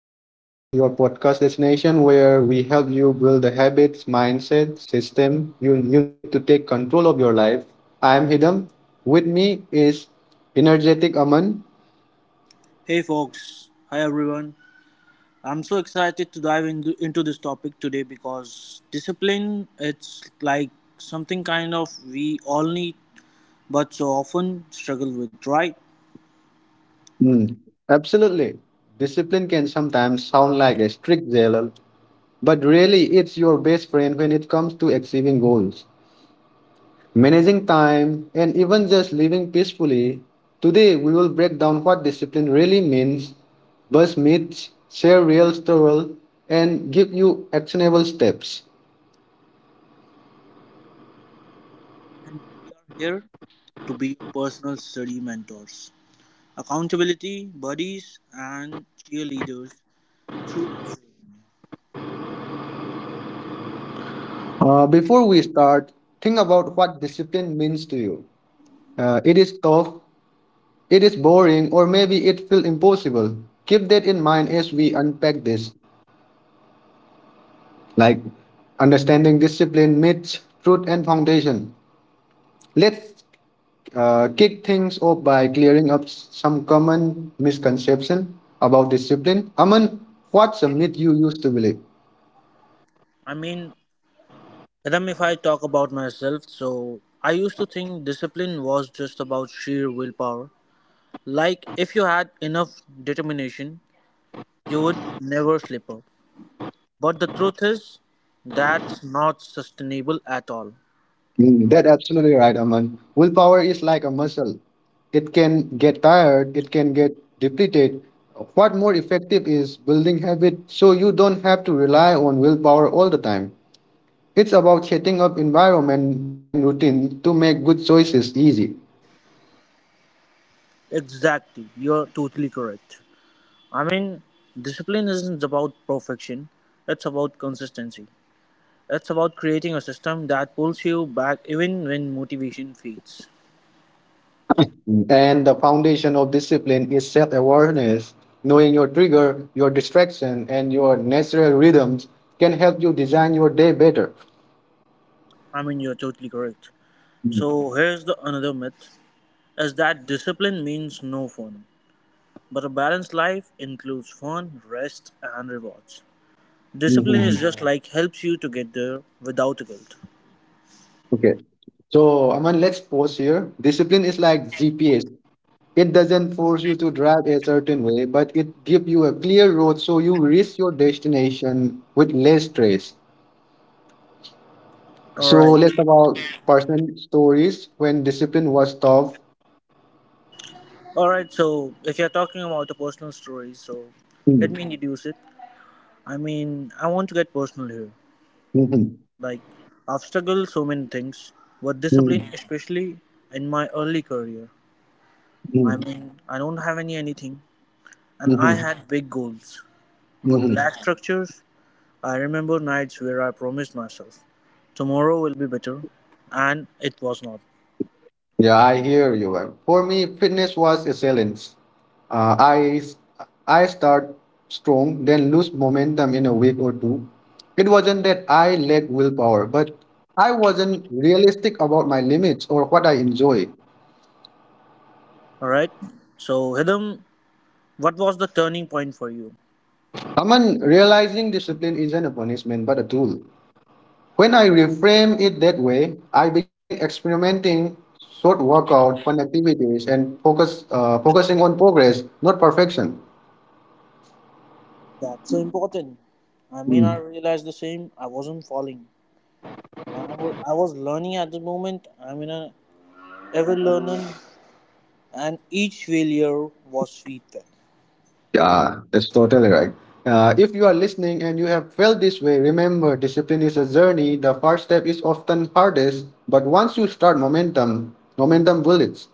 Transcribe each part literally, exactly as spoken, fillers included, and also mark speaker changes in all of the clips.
Speaker 1: Discipline, your podcast destination where we help you build the habits, mindset, system you, you need to take control of your life. I am Hidam. With me is energetic Aman.
Speaker 2: Hey folks, hi everyone. I'm so excited to dive in, into this topic today because discipline it's like something kind of we all need but so often struggle with, right?
Speaker 1: Hmm, absolutely. Discipline can sometimes sound like a strict zealot, but really, it's your best friend when it comes to achieving goals, managing time, and even just living peacefully. Today we will break down what discipline really means, bust myths, share real stories, and give you actionable steps.
Speaker 2: And we are here to be your personal study mentors, accountability buddies and cheerleaders through this.
Speaker 1: Uh, before we start, think about what discipline means to you. Uh, it is tough, it is boring, or maybe it feels impossible. Keep that in mind as we unpack this, like understanding discipline, myths, truth, and foundation. Let's uh, kick things off by clearing up s- some common misconception about discipline. Aman, what's a myth you used to believe?
Speaker 2: I mean, Adam, if I talk about myself, so I used to think discipline was just about sheer willpower. Like, if you had enough determination, you would never slip up. But the truth is, that's not sustainable at all.
Speaker 1: Mm, that's absolutely right, Aman. Willpower is like a muscle. It can get tired, it can get depleted. What more effective is building habit so you don't have to rely on willpower all the time. It's about setting up environment and routine to make good choices easy.
Speaker 2: Exactly, you're totally correct. I mean, Discipline isn't about perfection, it's about consistency. It's about creating a system that pulls you back even when motivation fades.
Speaker 1: Mm. And the foundation of discipline is self awareness. Knowing your trigger, your distraction, and your natural rhythms can help you design your day better.
Speaker 2: I mean, you're totally correct. So, here's the another myth is that discipline means no fun. But a balanced life includes fun, rest, and rewards. Discipline is
Speaker 1: Mhm.
Speaker 2: just like helps you to get there without a guilt.
Speaker 1: Okay. So, Aman, let's pause here. Discipline is like G P S. It doesn't force you to drive a certain way, but it gives you a clear road so you reach your destination with less stress.
Speaker 2: All
Speaker 1: So,
Speaker 2: right.
Speaker 1: let's talk about personal stories when discipline was tough.
Speaker 2: All right, so if you're talking about a personal story, so
Speaker 1: Mm.
Speaker 2: let me introduce it. I mean, I want to get personal here.
Speaker 1: Mhm.
Speaker 2: Like, I've struggled so many things with discipline,
Speaker 1: Mm.
Speaker 2: especially in my early career. I
Speaker 1: Mm.
Speaker 2: mean, I don't have any anything, and I
Speaker 1: Mhm.
Speaker 2: had big goals, but
Speaker 1: Mhm.
Speaker 2: lack structures. I remember nights where I promised myself tomorrow will be better, and it was not.
Speaker 1: Yeah, I hear you. Uh, For me, fitness was a challenge. Uh, I s- I start strong, then lose momentum in a week or two. It wasn't that I lacked willpower, but I wasn't realistic about my limits or what I enjoy.
Speaker 2: All right, so Hidam, what was the turning point for you?
Speaker 1: I mean, realizing discipline isn't a punishment but a tool. When I reframe it that way, I began experimenting short workout, fun activities, and focus uh, focusing on progress, not perfection.
Speaker 2: That's so important. I mean, I realized the same. I wasn't falling. I wa- I was learning at the moment. I mean, I ever learning, and each failure was feedback.
Speaker 1: Yeah, that's totally right. Uh, if you are listening and you have felt this way, remember discipline is a journey. The first step is often hardest, but once you start momentum, momentum builds.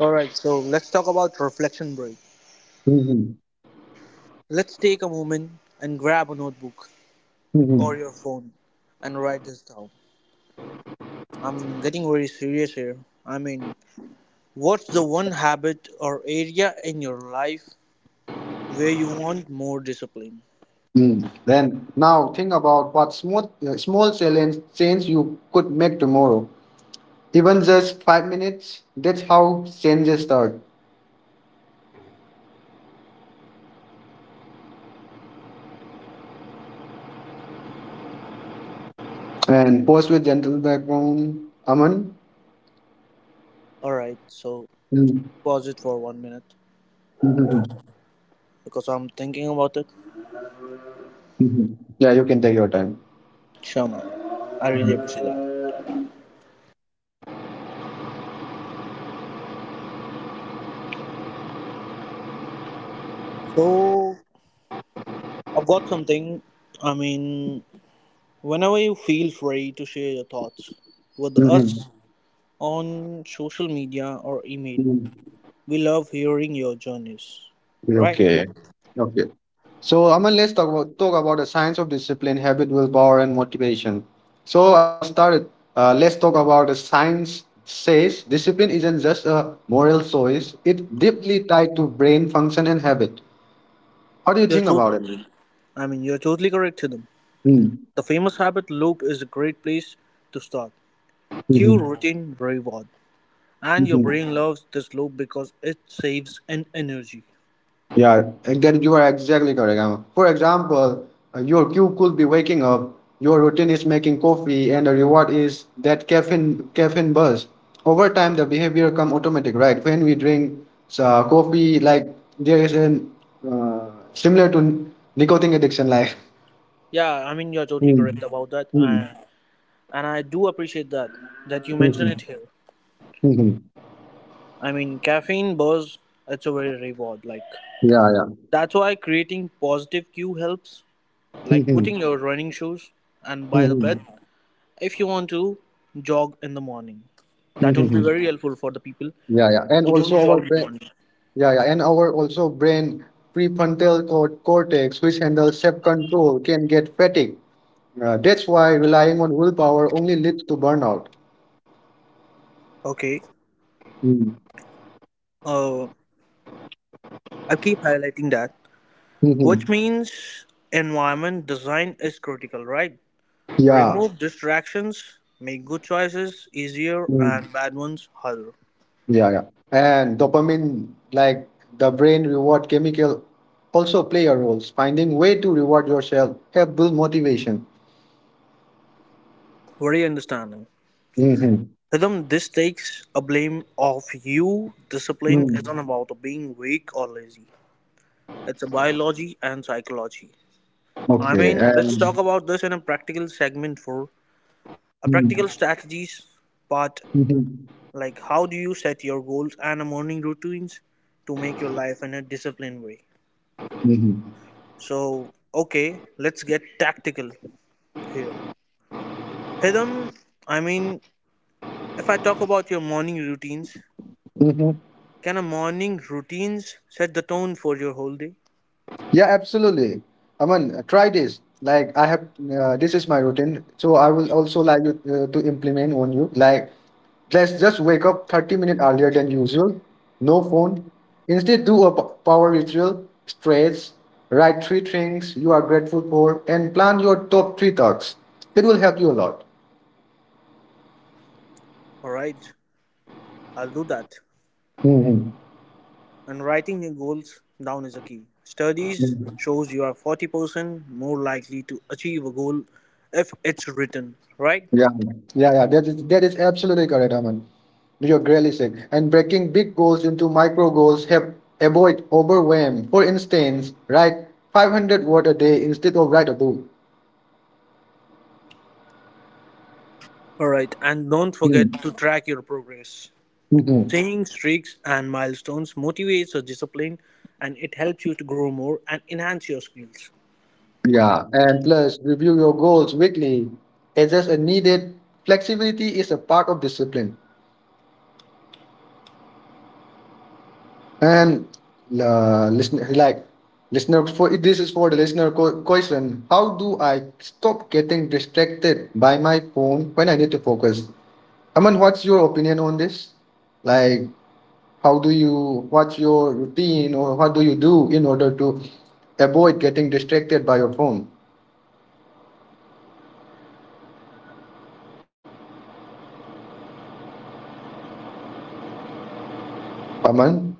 Speaker 2: All right, so let's talk about reflection break.
Speaker 1: Mhm.
Speaker 2: Let's take a moment and grab a notebook or
Speaker 1: Mhm.
Speaker 2: your phone and write this down. I'm getting very serious here. I mean, what's the one habit or area in your life where you want more discipline?
Speaker 1: Mm. Then now think about what small, uh, small challenge change you could make tomorrow. Even just five minutes, that's how changes start. And post with gentle background. Aman?
Speaker 2: All right, so
Speaker 1: Mm.
Speaker 2: pause it for one minute
Speaker 1: Mhm.
Speaker 2: because I'm thinking about it.
Speaker 1: Mhm. Yeah, you can take your time.
Speaker 2: Sure, man. I really
Speaker 1: Mhm.
Speaker 2: appreciate that. So, I've got something. I mean, Whenever you feel free to share your thoughts with
Speaker 1: Mhm.
Speaker 2: us on social media or email,
Speaker 1: Mhm.
Speaker 2: we love hearing your journeys. Right?
Speaker 1: Okay. Okay. So Aman, let's talk about talk about the science of discipline, habit, willpower, and motivation. So I'll start it. Uh, let's talk about the science says discipline isn't just a moral choice; it's deeply tied to brain function and habit. What do you
Speaker 2: You're
Speaker 1: think
Speaker 2: tot-
Speaker 1: about it?
Speaker 2: I mean, you're totally correct, Chidam.
Speaker 1: Hmm.
Speaker 2: The famous habit loop is a great place to start. Cue
Speaker 1: Mm-hmm.
Speaker 2: routine reward. And your
Speaker 1: Mm-hmm.
Speaker 2: brain loves this loop because it saves an energy.
Speaker 1: Yeah, again, you are exactly correct. Um, For example, uh, your cue could be waking up, your routine is making coffee, and the reward is that caffeine caffeine buzz. Over time, the behavior come automatic, right? When we drink uh, coffee, like there is an uh, similar to nicotine addiction, like.
Speaker 2: Yeah, I mean you're totally
Speaker 1: Mm.
Speaker 2: correct about that,
Speaker 1: Mm.
Speaker 2: and and I do appreciate that that you mention
Speaker 1: Mhm.
Speaker 2: it here.
Speaker 1: Mhm.
Speaker 2: I mean caffeine buzz, it's a very reward. Like
Speaker 1: Yeah, yeah.
Speaker 2: that's why creating positive cue helps. Like
Speaker 1: Mhm.
Speaker 2: putting your running shoes and by the bed
Speaker 1: Mhm.
Speaker 2: if you want to jog in the morning. That will be
Speaker 1: Mhm.
Speaker 2: very helpful for the people
Speaker 1: Yeah, yeah. And
Speaker 2: who don't
Speaker 1: also
Speaker 2: jog
Speaker 1: our
Speaker 2: in the
Speaker 1: brain.
Speaker 2: morning.
Speaker 1: Yeah, yeah, and our also brain prefrontal cor- cortex, which handles self-control, can get fatigued. Uh, that's why relying on willpower only leads to burnout.
Speaker 2: Okay.
Speaker 1: Mm.
Speaker 2: Uh, I keep highlighting that,
Speaker 1: Mhm.
Speaker 2: which means environment design is critical, right?
Speaker 1: Yeah.
Speaker 2: Remove distractions, make good choices easier
Speaker 1: Mm.
Speaker 2: and bad ones harder.
Speaker 1: Yeah, yeah. And dopamine, like the brain reward chemical, also play a role. Finding way to reward yourself help build motivation.
Speaker 2: Very understanding.
Speaker 1: Mhm.
Speaker 2: Rhythm, this takes a blame of you. Discipline isn't
Speaker 1: Mm.
Speaker 2: about being weak or lazy. It's a biology and psychology. I
Speaker 1: Okay.
Speaker 2: mean, let's
Speaker 1: And,
Speaker 2: talk about this in a practical segment for a
Speaker 1: Mhm.
Speaker 2: practical strategies part.
Speaker 1: Mhm.
Speaker 2: Like, how do you set your goals and a morning routines to make your life in a disciplined way?
Speaker 1: Mhm.
Speaker 2: So, okay, let's get tactical here. Hidam, I mean, if I talk about your morning routines,
Speaker 1: Mhm.
Speaker 2: can a morning routines set the tone for your whole day?
Speaker 1: Yeah, absolutely. I mean, try this. Like I have, uh, this is my routine. So I will also like you uh, to implement on you. Like, let's just wake up thirty minutes earlier than usual. No phone. Instead, do a p- power ritual, stretch, write three things you are grateful for, and plan your top three thoughts. It will help you a lot.
Speaker 2: All right, I'll do that.
Speaker 1: Mhm.
Speaker 2: And writing your goals down is a key. Studies shows you are forty percent more likely to achieve a goal if it's written, right?
Speaker 1: Yeah, yeah, yeah. That is that is absolutely correct, Aman. You're really sick. And breaking big goals into micro goals help avoid overwhelm. For instance, write five hundred word a day instead of write a book.
Speaker 2: All right, and don't forget
Speaker 1: Hmm.
Speaker 2: to track your progress.
Speaker 1: Mhm.
Speaker 2: Seeing streaks and milestones motivates your discipline and it helps you to grow more and enhance your skills.
Speaker 1: Yeah, and plus review your goals weekly. Adjust as needed. Flexibility is a part of discipline. And uh, listener, like listener, for this is for the listener co- question. How do I stop getting distracted by my phone when I need to focus? Aman, what's your opinion on this? Like, how do you? What's your routine, or what do you do in order to avoid getting distracted by your phone? Aman,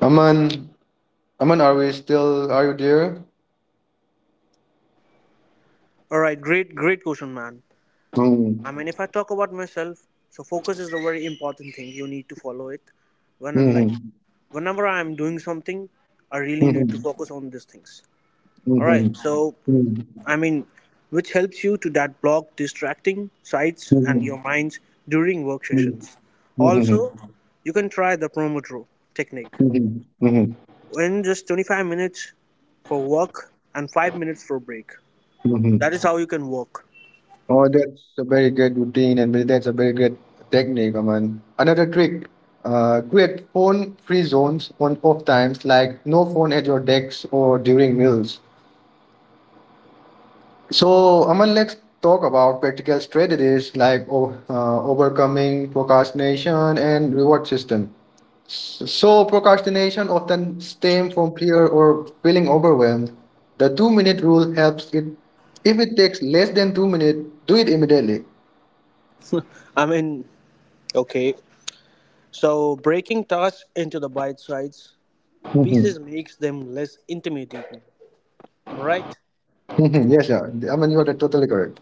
Speaker 1: Aman, Aman, are we still? Are you there?
Speaker 2: All right, great, great question, man.
Speaker 1: Mm.
Speaker 2: I mean, if I talk about myself, so focus is a very important thing. You need to follow it. When and like
Speaker 1: Mhm.
Speaker 2: whenever I'm doing something, I really need to
Speaker 1: Mhm.
Speaker 2: focus on these things.
Speaker 1: Mhm.
Speaker 2: All right.
Speaker 1: Mhm.
Speaker 2: So
Speaker 1: Mhm.
Speaker 2: I mean, which helps you to that block distracting sites and your minds during work
Speaker 1: Mhm.
Speaker 2: sessions.
Speaker 1: Mhm.
Speaker 2: Also,
Speaker 1: Mhm.
Speaker 2: you can try the Pomodoro technique.
Speaker 1: Mm-hmm. Mm-hmm.
Speaker 2: In just twenty-five minutes for work and five minutes for break.
Speaker 1: Mm-hmm.
Speaker 2: That is how you can work.
Speaker 1: Oh, that's a very good routine, and that's a very good technique, Aman. Another trick, uh, create phone-free zones on off times, like no phone at your decks or during meals. So, Aman, let's talk about practical strategies like o- uh, overcoming procrastination and reward system. So, procrastination often stems from fear or feeling overwhelmed. The two minute rule helps it. If it takes less than two minutes, do it immediately.
Speaker 2: I mean, okay. So, breaking tasks into the bite sized
Speaker 1: Mhm.
Speaker 2: pieces makes them less intimidating. Am I right?
Speaker 1: Mhm. Yes, sir. I mean, you are totally correct.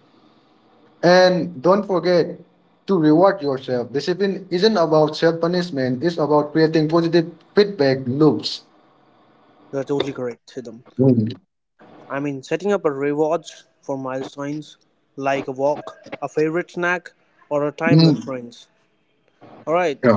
Speaker 1: And don't forget to reward yourself. Discipline isn't about self punishment, it's about creating positive feedback loops.
Speaker 2: You're totally correct, Sidham.
Speaker 1: Mhm.
Speaker 2: I mean, setting up a rewards for milestones like a walk, a favorite snack, or a time with
Speaker 1: Mhm.
Speaker 2: friends. Alright,
Speaker 1: Yeah.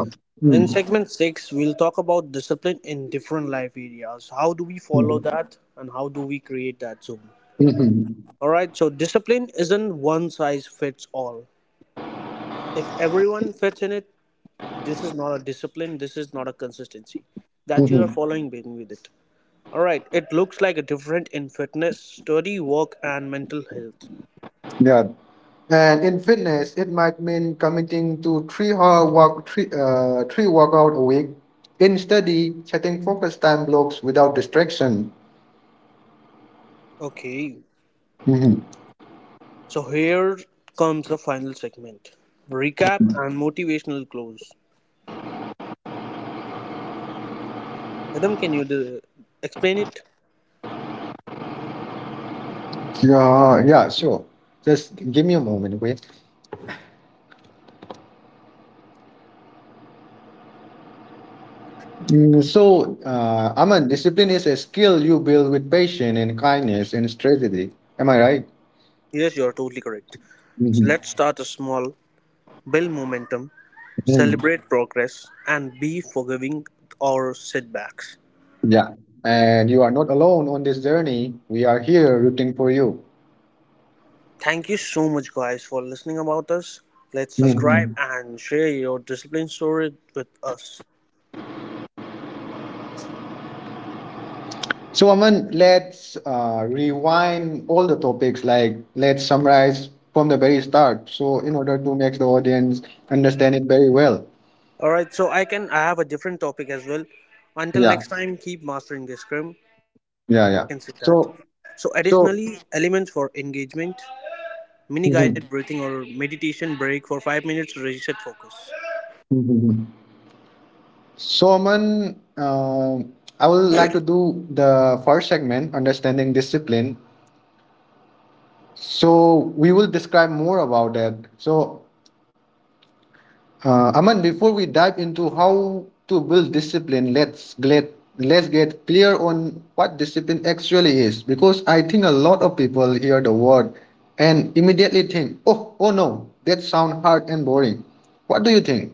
Speaker 2: in
Speaker 1: Mhm.
Speaker 2: segment six, we'll talk about discipline in different life areas. How do we follow
Speaker 1: Mhm.
Speaker 2: that and how do we create that zone?
Speaker 1: Mhm.
Speaker 2: Alright, so discipline isn't one size fits all. If everyone fits in it, this is not a discipline, this is not a consistency that you are
Speaker 1: Mhm.
Speaker 2: following with it. All right it looks like a different in fitness study work and mental health.
Speaker 1: Yeah. And in fitness, it might mean committing to three hour walk, three, uh, three workout a week. In study, setting focused time blocks without distraction.
Speaker 2: Okay,
Speaker 1: Hmm.
Speaker 2: so here comes the final segment recap and motivational close. Adam, can you do, explain it?
Speaker 1: Yeah, yeah, sure. Just give me a moment, okay? Mm, so, uh, Aman, discipline is a skill you build with patience and kindness and strategy. Am I right?
Speaker 2: Yes, you are totally correct. So
Speaker 1: Mhm.
Speaker 2: let's start a small, build momentum,
Speaker 1: Mhm.
Speaker 2: celebrate progress and be forgiving our setbacks.
Speaker 1: Yeah. And you are not alone on this journey. We are here rooting for you.
Speaker 2: Thank you so much, guys, for listening about us. Let's subscribe
Speaker 1: Mm-hmm.
Speaker 2: and share your discipline story with us.
Speaker 1: So, Aman, let's uh, rewind all the topics. Like, let's summarize from the very start. So, in order to make the audience understand it very well.
Speaker 2: All right, so I can I have a different topic as well. Until
Speaker 1: Yeah,
Speaker 2: next time, keep mastering the scrum discipline.
Speaker 1: yeah,
Speaker 2: I
Speaker 1: yeah.
Speaker 2: can see that.
Speaker 1: So,
Speaker 2: So,
Speaker 1: so,
Speaker 2: additionally, elements for engagement, mini guided
Speaker 1: Mhm.
Speaker 2: breathing or meditation break for five minutes to reset focus.
Speaker 1: Mhm. Mhm. so, Aman, uh, I would like to do the first segment, understanding discipline. So, we will describe more about that. So, Uh, Aman, before we dive into how to build discipline, let's get let's get clear on what discipline actually is, because I think a lot of people hear the word and immediately think, "Oh, oh no, that sounds hard and boring." What do you think?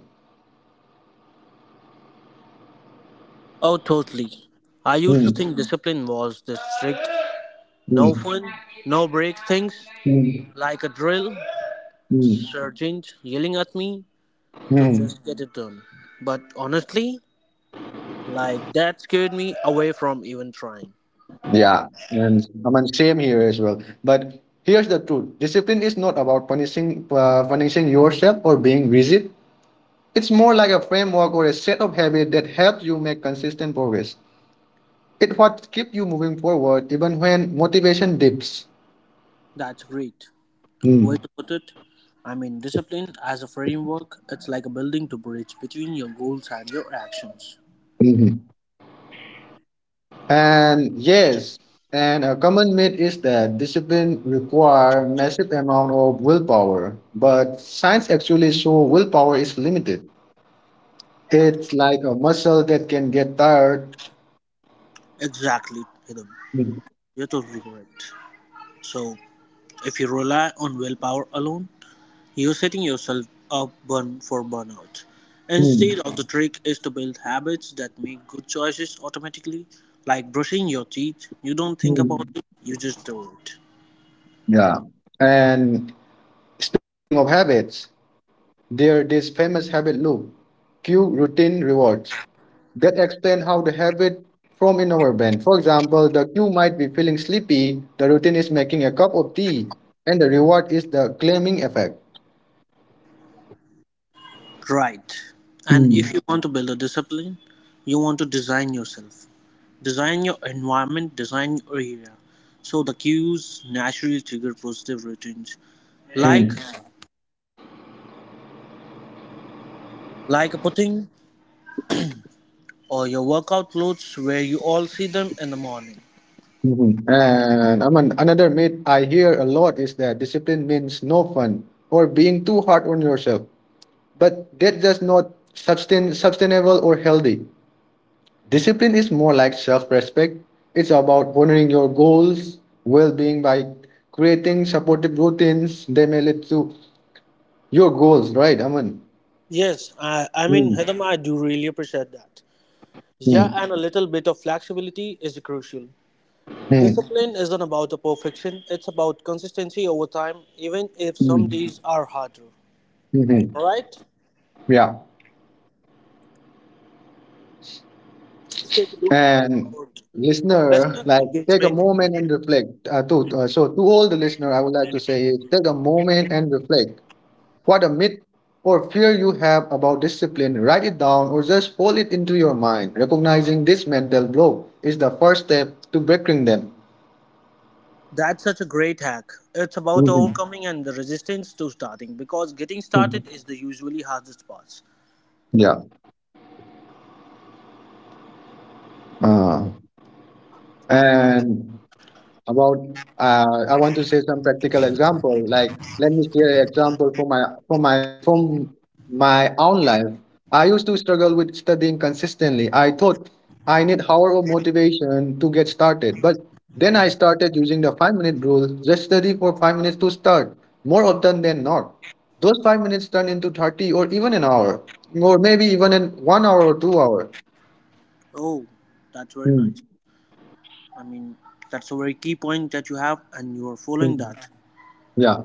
Speaker 2: Oh, totally. I used to
Speaker 1: Hmm.
Speaker 2: think discipline was this strict, no
Speaker 1: Hmm.
Speaker 2: fun, no break things,
Speaker 1: Hmm.
Speaker 2: like a drill,
Speaker 1: Hmm.
Speaker 2: sergeant yelling at me to
Speaker 1: Hmm.
Speaker 2: just get it done. But honestly, like that scared me away from even trying.
Speaker 1: Yeah, and Aman, same here as well. But here's the truth: discipline is not about punishing uh, punishing yourself or being rigid. It's more like a framework or a set of habits that helps you make consistent progress. It what keeps you moving forward even when motivation dips.
Speaker 2: That's great.
Speaker 1: Mm.
Speaker 2: Way to put it. I mean, discipline as a framework, it's like a building to bridge between your goals and your actions.
Speaker 1: Mhm. And yes, and a common myth is that discipline require massive amount of willpower, but science actually show willpower is limited. It's like a muscle that can get tired.
Speaker 2: Exactly, Hidam.
Speaker 1: Mm.
Speaker 2: You're totally correct. So, if you rely on willpower alone, you're setting yourself up burn for burnout. Instead
Speaker 1: Mm.
Speaker 2: of the trick is to build habits that make good choices automatically, like brushing your teeth. You don't think about
Speaker 1: Mm.
Speaker 2: it, you just do it.
Speaker 1: Yeah. And speaking of habits, there this famous habit loop, cue routine rewards, that explain how the habit form in our brain. For example, the cue might be feeling sleepy, the routine is making a cup of tea, and the reward is the claiming effect.
Speaker 2: Right. And if
Speaker 1: Mm.
Speaker 2: you want to build a discipline, you want to design yourself. Design your environment, design your area. So the cues naturally trigger positive routines. Like
Speaker 1: Mm.
Speaker 2: like a pudding or your workout clothes where you all see them in the morning.
Speaker 1: Mhm. And I mean, another myth I hear a lot is that discipline means no fun or being too hard on yourself. But that's just not sustain, sustainable or healthy. Discipline is more like self respect. It's about honoring your goals, well being by creating supportive routines. They may lead to your goals, right, Aman?
Speaker 2: Yes, I, I mean,
Speaker 1: Mm.
Speaker 2: Hedam, I do really appreciate that. Yeah,
Speaker 1: Mm.
Speaker 2: and a little bit of flexibility is crucial.
Speaker 1: Mm.
Speaker 2: Discipline isn't about a perfection, it's about consistency over time, even if some
Speaker 1: Mm.
Speaker 2: days are harder.
Speaker 1: Mhm.
Speaker 2: Alright,
Speaker 1: Yeah.
Speaker 2: so let's take a look
Speaker 1: And
Speaker 2: about
Speaker 1: listener,
Speaker 2: listener
Speaker 1: like take a
Speaker 2: engagement
Speaker 1: moment
Speaker 2: movement.
Speaker 1: and reflect. Uh, to, uh, so to all the listener, I would like to say is take a moment and reflect. What a myth or fear you have about discipline, write it down or just hold it into your mind. Recognizing this mental block is the first step to breaking them.
Speaker 2: That's such a great hack. It's about
Speaker 1: Mhm.
Speaker 2: overcoming and the resistance to starting because getting started is the usually hardest part.
Speaker 1: Yeah. Uh, and about uh, I want to say some practical example like let me share an example for my for my from my own life I used to struggle with studying consistently I thought I need hour of motivation to get started but then I started using the five minute rule just study for five minutes to start more often than not those five minutes turn into thirty or even an hour or maybe even in one hour or two hour.
Speaker 2: Oh, that's very
Speaker 1: Hmm.
Speaker 2: nice. I mean, that's a very key point that you have, and you are following
Speaker 1: Hmm.
Speaker 2: that.
Speaker 1: Yeah.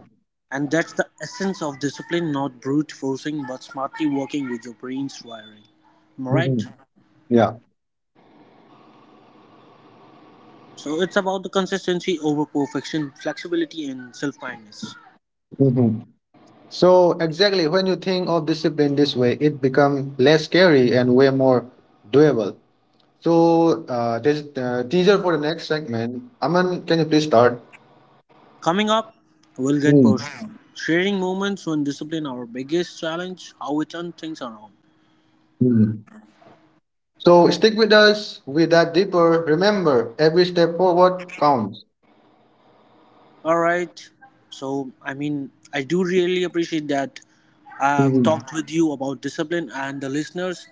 Speaker 2: And that's the essence of discipline not brute forcing but smartly working with your brain's wiring. Am I right?
Speaker 1: Mhm. Yeah.
Speaker 2: So it's about the consistency over perfection, flexibility, and self kindness.
Speaker 1: Mhm. So exactly when you think of discipline this way, it becomes less scary and way more doable. So uh, there's uh, teaser for the next segment. Aman, can you please start?
Speaker 2: Coming up, we'll get
Speaker 1: Mm.
Speaker 2: personal, sharing moments when discipline our biggest challenge, how we turn things around.
Speaker 1: Mm. So stick with us. We dive deeper. Remember, every step forward counts.
Speaker 2: All right. So I mean, I do really appreciate that I've
Speaker 1: Mhm.
Speaker 2: talked with you about discipline and the listeners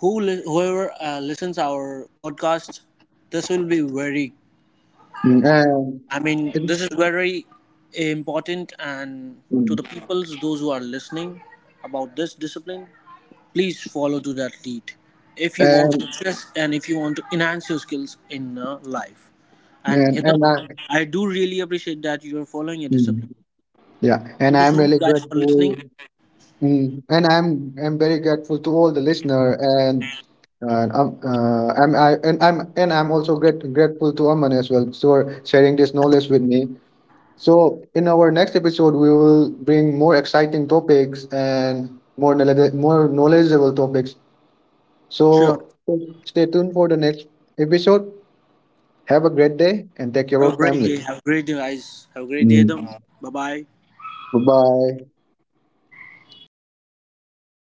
Speaker 2: who li- whoever uh, listens our podcast. This will be very,
Speaker 1: Mm. And
Speaker 2: I mean,
Speaker 1: it's
Speaker 2: this is very important, and to the
Speaker 1: mm.
Speaker 2: peoples, those who are listening about this discipline, please follow to that lead. If you want
Speaker 1: and
Speaker 2: success and if you want to enhance your skills in uh, life, and
Speaker 1: and
Speaker 2: Hitam,
Speaker 1: and I
Speaker 2: I do really appreciate that you are following your
Speaker 1: mm.
Speaker 2: discipline.
Speaker 1: Yeah, and
Speaker 2: Thank you
Speaker 1: I'm
Speaker 2: so
Speaker 1: really
Speaker 2: much, guys, for
Speaker 1: grateful.
Speaker 2: listening.
Speaker 1: Mm. And I'm I'm very grateful to all the listener and And I'm, uh, I'm, I, and I'm, and I'm also great, grateful to Aman as well for sharing this knowledge with me. So in our next episode, we will bring more exciting topics and more knowledge, more knowledgeable topics.
Speaker 2: Sure.
Speaker 1: So stay tuned for the next episode. Have a great day and take care
Speaker 2: Have a
Speaker 1: of
Speaker 2: great
Speaker 1: family.
Speaker 2: day. Have a great day, guys. Have a great day,
Speaker 1: Mm.
Speaker 2: Hitam. Bye bye.
Speaker 1: Bye bye.